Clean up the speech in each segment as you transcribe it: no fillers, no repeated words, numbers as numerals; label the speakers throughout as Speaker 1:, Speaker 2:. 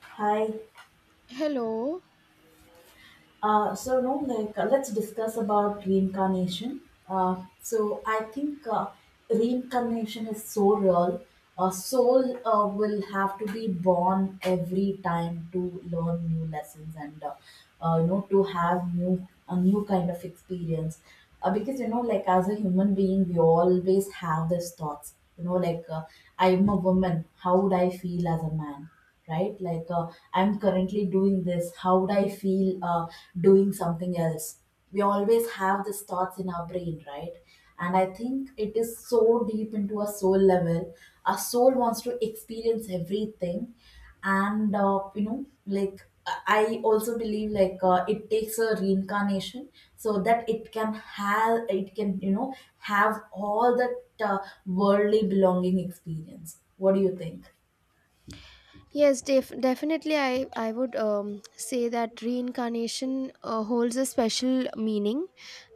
Speaker 1: Hi.
Speaker 2: Hello.
Speaker 1: So no, like let's discuss about reincarnation. So I think reincarnation is so real. A soul will have to be born every time to learn new lessons and to have new a new kind of experience. Because like as a human being, we always have these thoughts. I'm a woman. How would I feel as a man? Right, like I'm currently doing this. How would I feel doing something else? We always have these thoughts in our brain, right? And I think it is so deep into our soul level. Our soul wants to experience everything. And uh, you know like i I also believe, like it takes a reincarnation so that it can have it can you know have all that worldly belonging experience. What do you think?
Speaker 2: Yes, definitely. I would say that reincarnation holds a special meaning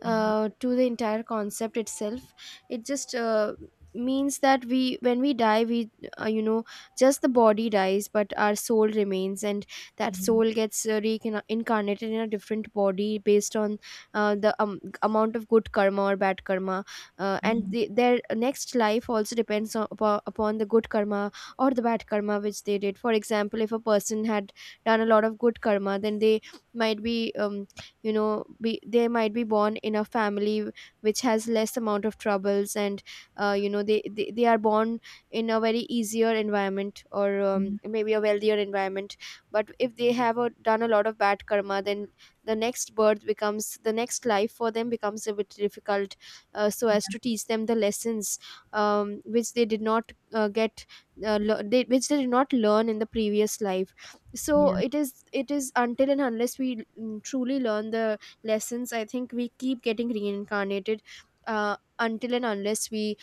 Speaker 2: to the entire concept itself. It just means that we when we die, we uh, you know just the body dies, but our soul remains, and that soul gets reincarnated in a different body based on the amount of good karma or bad karma, and
Speaker 1: Yeah.
Speaker 2: their next life also depends upon the good karma or the bad karma which they did. For example, if a person had done a lot of good karma, then they might be you know be they might be born in a family which has less amount of troubles, and they, they are born in a very easier environment, or maybe a wealthier environment. But if they have done a lot of bad karma, then the next life for them becomes a bit difficult, so as to teach them the lessons which they did not which they did not learn in the previous life. So
Speaker 1: Yeah.
Speaker 2: it is until and unless we truly learn the lessons, I think we keep getting reincarnated until and unless we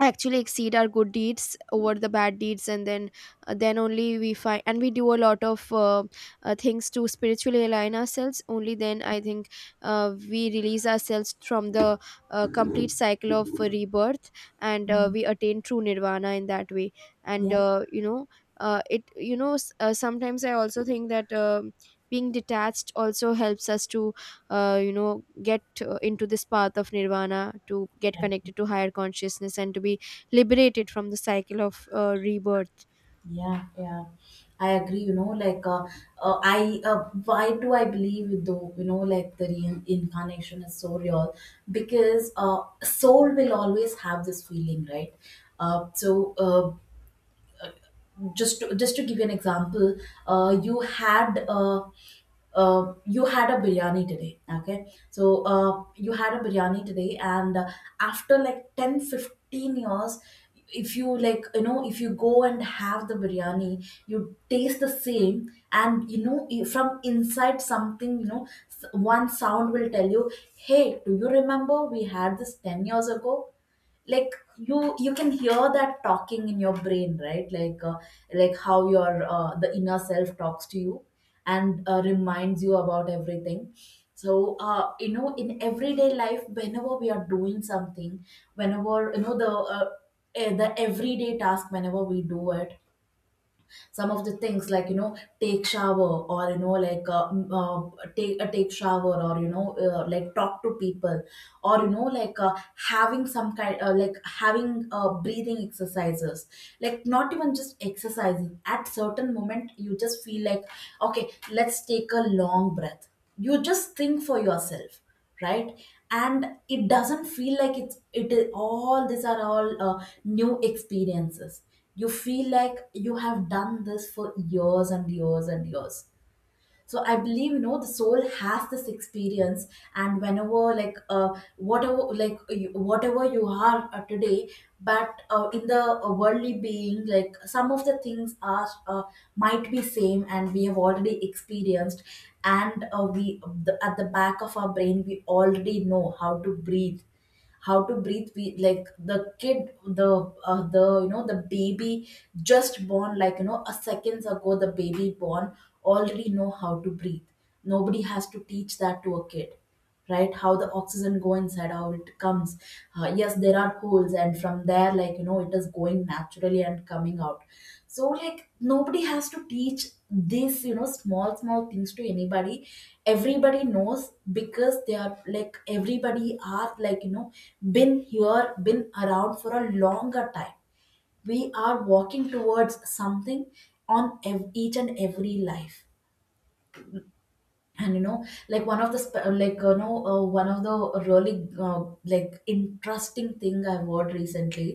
Speaker 2: actually exceed our good deeds over the bad deeds, and then only we find, and we do a lot of things to spiritually align ourselves. Only then, I think, we release ourselves from the complete cycle of rebirth, and
Speaker 1: Mm.
Speaker 2: we attain true nirvana in that way. And
Speaker 1: Yeah,
Speaker 2: you know it you know s- sometimes I also think that being detached also helps us to get into this path of nirvana, to get
Speaker 1: I-
Speaker 2: connected to higher consciousness, and to be liberated from the cycle of rebirth.
Speaker 1: yeah, yeah. I agree. You know, like I why do I believe, though? You know, like the reincarnation is so real, because soul will always have this feeling, right? Uh, so uh, just to give you an example, uh, you had uh, you had a biryani today, okay? So you had a biryani today, and after like 10 15 years, if you, like, you know, if you go and have the biryani, you taste the same, and you know, from inside something, you know, one sound will tell you, hey, do you remember we had this 10 years ago? Like you can hear that talking in your brain, right? Like like how your the inner self talks to you and reminds you about everything. So in everyday life, whenever we are doing something, whenever you know the everyday task, whenever we do it, some of the things, like take shower, or take shower, or like talk to people, or having some kind like having breathing exercises. Like, not even just exercising, at certain moment you just feel like, okay, let's take a long breath. You just think for yourself, right? And it doesn't feel like it's it is all these are all new experiences. You feel like you have done this for years and years and years. So I believe, you know, the soul has this experience. And whenever, like whatever you are today, but in the worldly being, like some of the things are might be same, and we have already experienced. And we at the back of our brain we already know how to breathe. Like the kid, the you know the baby just born, like you know a seconds ago the baby born, already know how to breathe. Nobody has to teach that to a kid, right? How the oxygen go inside, how it comes. Yes, there are holes tools, and from there, like you know, it is going naturally and coming out. So like, nobody has to teach this, you know, small small things to anybody. Everybody knows, because they are, like, everybody are, like, you know, been here, been around for a longer time. We are walking towards something on each and every life. And you know, like one of the one of the really like interesting thing I've heard recently,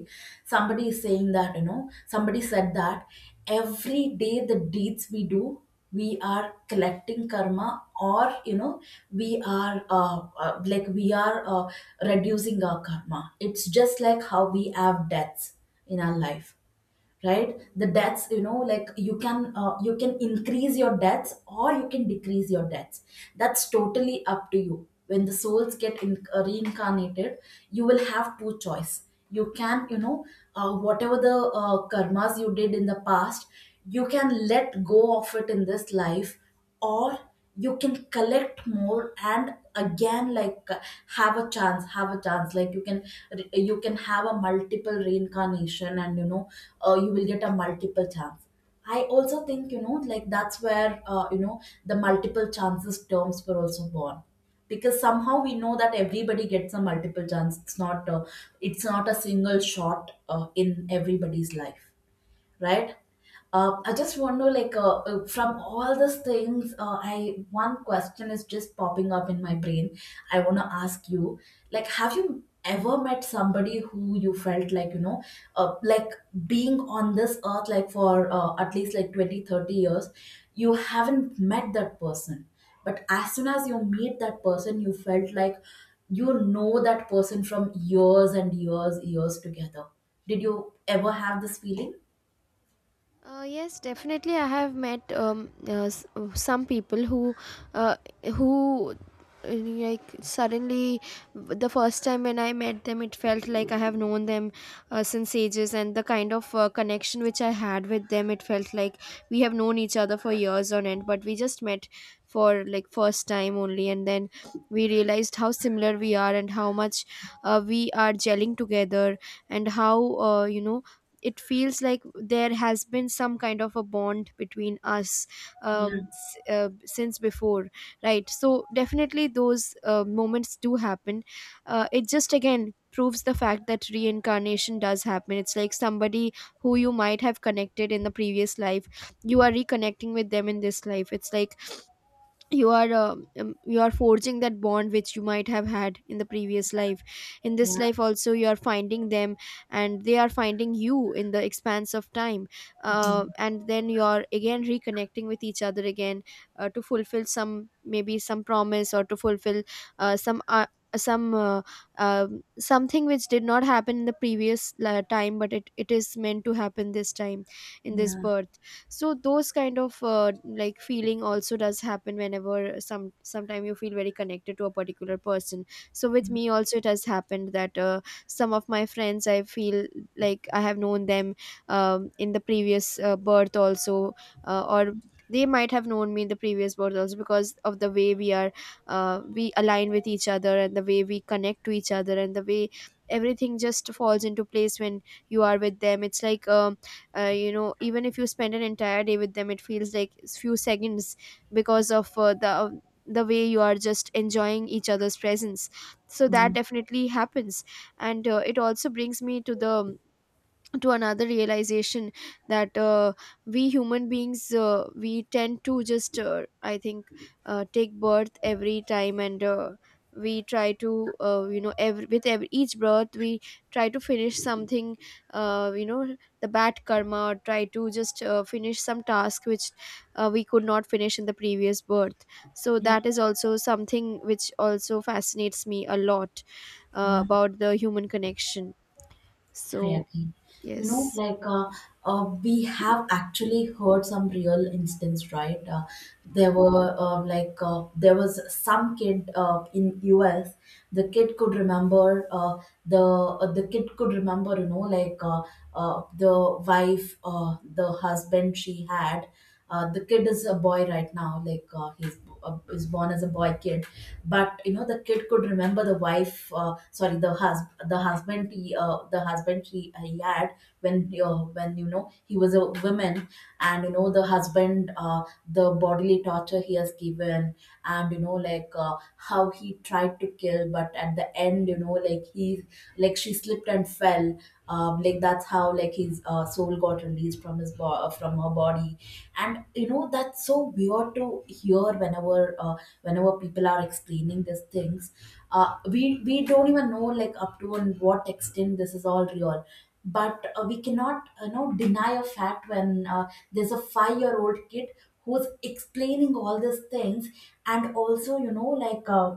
Speaker 1: somebody is saying that, you know somebody said that every day the deeds we do, we are collecting karma, or you know, we are reducing our karma. It's just like how we have deaths in our life, right? The debts, you know, like you can increase your debts or you can decrease your debts. That's totally up to you. When the souls get reincarnated, you will have two choice. You can, you know, whatever the karmas you did in the past, you can let go of it in this life, or you can collect more and again, like have a chance, like, you can, you can have a multiple reincarnation, and you know, you will get a multiple chance. I also think, you know, like that's where the multiple chances terms were also born, because somehow we know that everybody gets a multiple chance. It's not a single shot in everybody's life, right? I just want to, like from all these things, I, one question is just popping up in my brain. I want to ask you, like, have you ever met somebody who you felt like, you know, like being on this earth like for at least like 20, 30 years, you haven't met that person, but as soon as you meet that person, you felt like you know that person from years and years, years together. Did you ever have this feeling?
Speaker 2: Yes, definitely. I have met some people who, uh, who like suddenly the first time when I met them, it felt like I have known them since ages, and the kind of connection which I had with them, it felt like we have known each other for years on end, but we just met for like first time only, and then we realized how similar we are and how much we are gelling together, and how it feels like there has been some kind of a bond between us
Speaker 1: Yeah,
Speaker 2: since before. Right, so definitely those moments do happen. Uh, it just again proves the fact that reincarnation does happen. It's like somebody who you might have connected in the previous life, you are reconnecting with them in this life. It's like you are forging that bond which you might have had in the previous life. In
Speaker 1: yeah,
Speaker 2: this life also, you are finding them, and they are finding you in the expanse of time,
Speaker 1: yeah,
Speaker 2: and then you are again reconnecting with each other again, to fulfill some, maybe some promise, or to fulfill uh, some uh, some uh, something which did not happen in the previous time, but it is meant to happen this time in this
Speaker 1: yeah,
Speaker 2: birth. So those kind of like feeling also does happen, whenever sometime you feel very connected to a particular person. So with me also, it has happened that some of my friends, I feel like I have known them in the previous birth also, or they might have known me in the previous birth also, because of the way we are, we align with each other, and the way we connect to each other, and the way everything just falls into place when you are with them. It's like even if you spend an entire day with them, it feels like few seconds, because of the way you are just enjoying each other's presence. So
Speaker 1: yeah,
Speaker 2: that definitely happens. And it also brings me to the, to another realization that we human beings, we tend to just I think take birth every time, and we try to every, with every, each birth, we try to finish something, the bad karma, or try to just finish some task which we could not finish in the previous birth. So
Speaker 1: yeah,
Speaker 2: that is also something which also fascinates me a lot,
Speaker 1: yeah.
Speaker 2: about the human connection.
Speaker 1: I
Speaker 2: So
Speaker 1: agree. You know,
Speaker 2: yes.
Speaker 1: like we have actually heard some real instance, right? There were there was some kid in US. The kid could remember the kid could remember, you know, like the husband she had. The kid is a boy right now. Like he's is born as a boy kid, but you know, the kid could remember the wife sorry the husband, the husband he had when you know he was a woman. And you know, the husband the bodily torture he has given, and you know, like how he tried to kill, but at the end, you know, like he like she slipped and fell. Like, that's how like his soul got released from from her body. And you know, that's so weird to hear whenever whenever people are explaining these things. We don't even know like up to and what extent this is all real, but we cannot, you know, deny a fact when there's a 5-year-old kid who's explaining all these things. And also, you know, like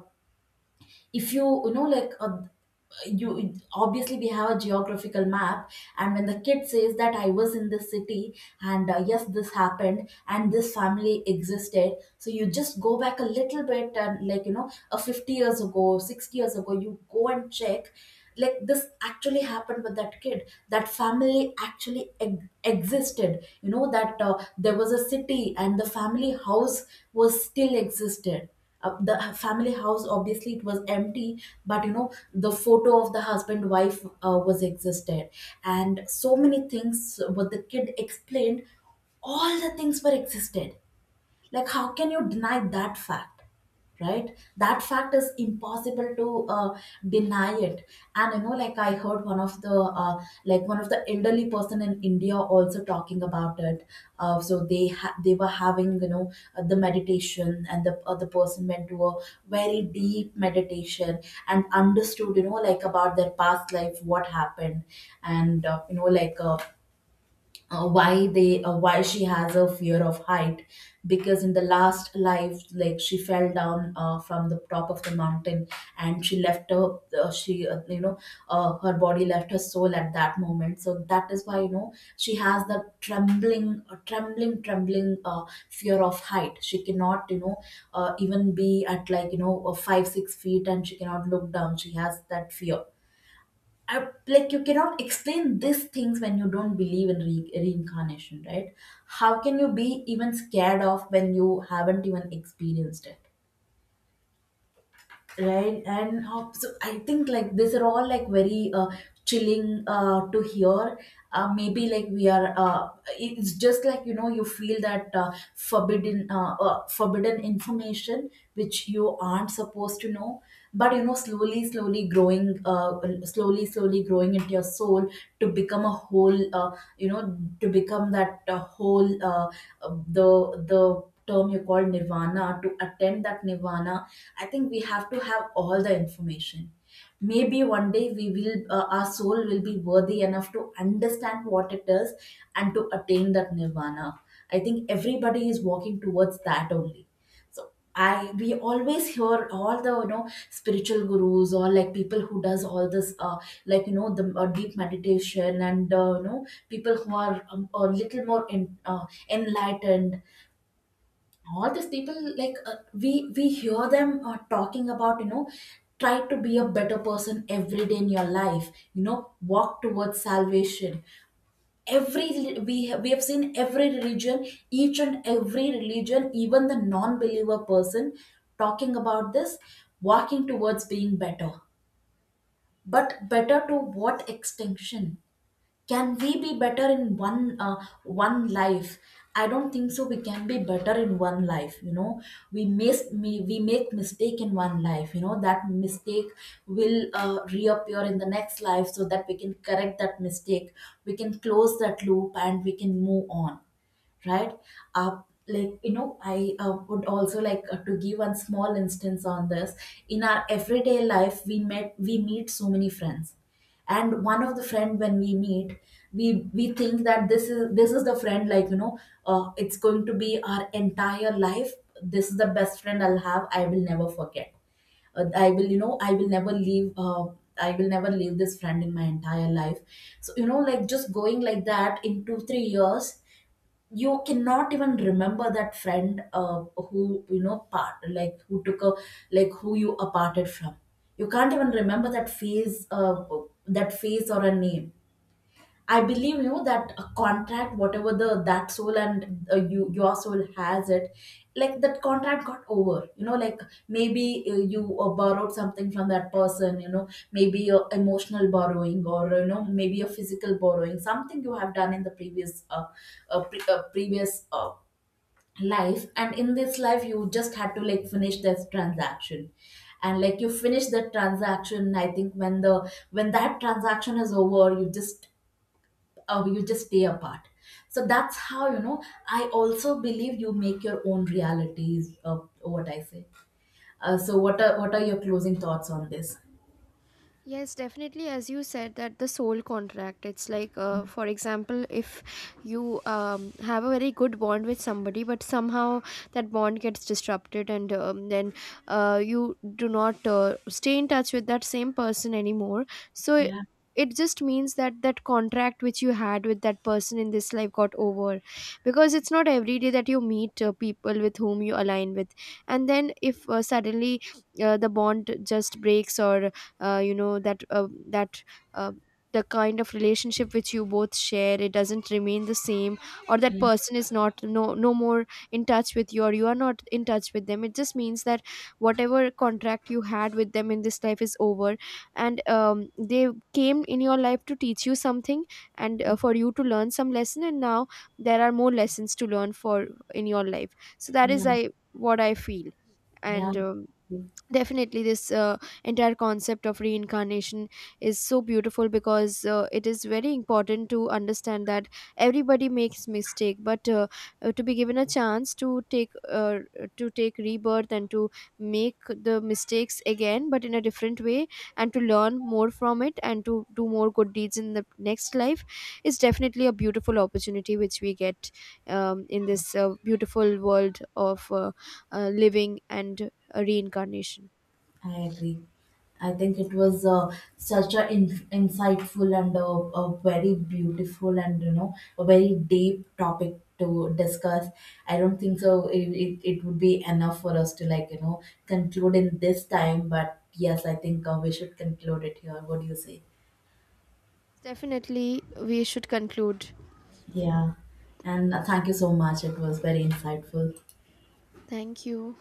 Speaker 1: if you you know like you, obviously, we have a geographical map, and when the kid says that I was in this city, and yes, this happened, and this family existed, so you just go back a little bit, and like you know, a 50 years ago, 60 years ago, you go and check, like this actually happened with that kid. That family actually existed. You know, that there was a city, and the family house was still existed. The family house, obviously it was empty, but you know, the photo of the husband wife was existed. And so many things what the kid explained, all the things were existed. Like, how can you deny that fact? Right, that fact is impossible to deny it. And you know, like I heard one of the like one of the elderly person in India also talking about it. They were having, you know, the meditation, and the person went to a very deep meditation and understood, you know, like about their past life, what happened. And you know like why they why she has a fear of height, because in the last life, like she fell down from the top of the mountain, and she left her she you know her body left her soul at that moment. So that is why, you know, she has the trembling fear of height. She cannot, you know, even be at, like you know, 5 6 feet, and she cannot look down. She has that fear. Like, you cannot explain these things when you don't believe in reincarnation, right? How can you be even scared of when you haven't even experienced it? Right, and hop. So I think like these are all like very chilling to hear. Maybe like we are. It's just like, you know, you feel that forbidden, forbidden information which you aren't supposed to know. But you know, slowly, slowly growing into your soul to become a whole. You know, to become that whole. The term you called nirvana, to attend that nirvana, I think we have to have all the information. Maybe one day we will, our soul will be worthy enough to understand what it is and to attain that nirvana. I think everybody is walking towards that only, so I we always hear all the spiritual gurus, or like people who does all this, like, the deep meditation, and people who are a little more in, uh, enlightened. All these people, like, we hear them talking about, try to be a better person every day in your life. Walk towards salvation. Every we have, we have seen every religion, each and every religion, even the non-believer person, talking about this, walking towards being better. But better to what? Extinction? Can we be better in one life? I don't think so, we can be better in one life, you know. We miss me we make mistake in one life, you know that mistake will reappear in the next life, so that we can correct that mistake. We can close that loop and we can move on, right? uh, like, I would also like to give one small instance on this. In our everyday life, we meet so many friends. And one of the friend, when we meet, we think that this is the friend, it's going to be our entire life. This is the best friend I'll have, I will never forget. I will never leave. I will never leave this friend in my entire life. So, like, just going like that, in 2 3 years, you cannot even remember that friend, who you know part like who took a who you aparted from. You can't even remember that face or a name. I believe, you know, that a contract, whatever the that soul and your soul has it, like that contract got over. You know, like maybe, you borrowed something from that person. You know, maybe emotional borrowing, or maybe a physical borrowing, something you have done in the previous life, and in this life you just had to, like, finish this transaction. And like you finish that transaction, I think when the when that transaction is over, you just stay apart. So that's how, you know, I also believe you make your own realities of what I say. So what are your closing thoughts on this?
Speaker 2: Yes, definitely. As you said, that the soul contract, it's like, for example, if you have a very good bond with somebody, but somehow that bond gets disrupted, and then you do not stay in touch with that same person anymore. So
Speaker 1: Yeah,
Speaker 2: it just means that that contract which you had with that person in this life got over, because it's not every day that you meet people with whom you align with. And then if suddenly the bond just breaks, or you know that that uh, the kind of relationship which you both share, it doesn't remain the same, or that
Speaker 1: yeah,
Speaker 2: person is not no no more in touch with you, or you are not in touch with them. It just means that whatever contract you had with them in this life is over, and they came in your life to teach you something, and for you to learn some lesson, and now there are more lessons to learn for in your life. So that
Speaker 1: yeah,
Speaker 2: is I what I feel. And
Speaker 1: yeah.
Speaker 2: definitely this entire concept of reincarnation is so beautiful, because it is very important to understand that everybody makes mistake, but to be given a chance to take rebirth, and to make the mistakes again but in a different way, and to learn more from it, and to do more good deeds in the next life is definitely a beautiful opportunity which we get in this beautiful world of living and a reincarnation.
Speaker 1: I agree. I think it was such a insightful and a very beautiful and, you know, a very deep topic to discuss. I don't think so. It would be enough for us to, like, conclude in this time. But yes, I think we should conclude it here. What do you say?
Speaker 2: Definitely, we should conclude.
Speaker 1: Yeah, and thank you so much. It was very insightful.
Speaker 2: Thank you.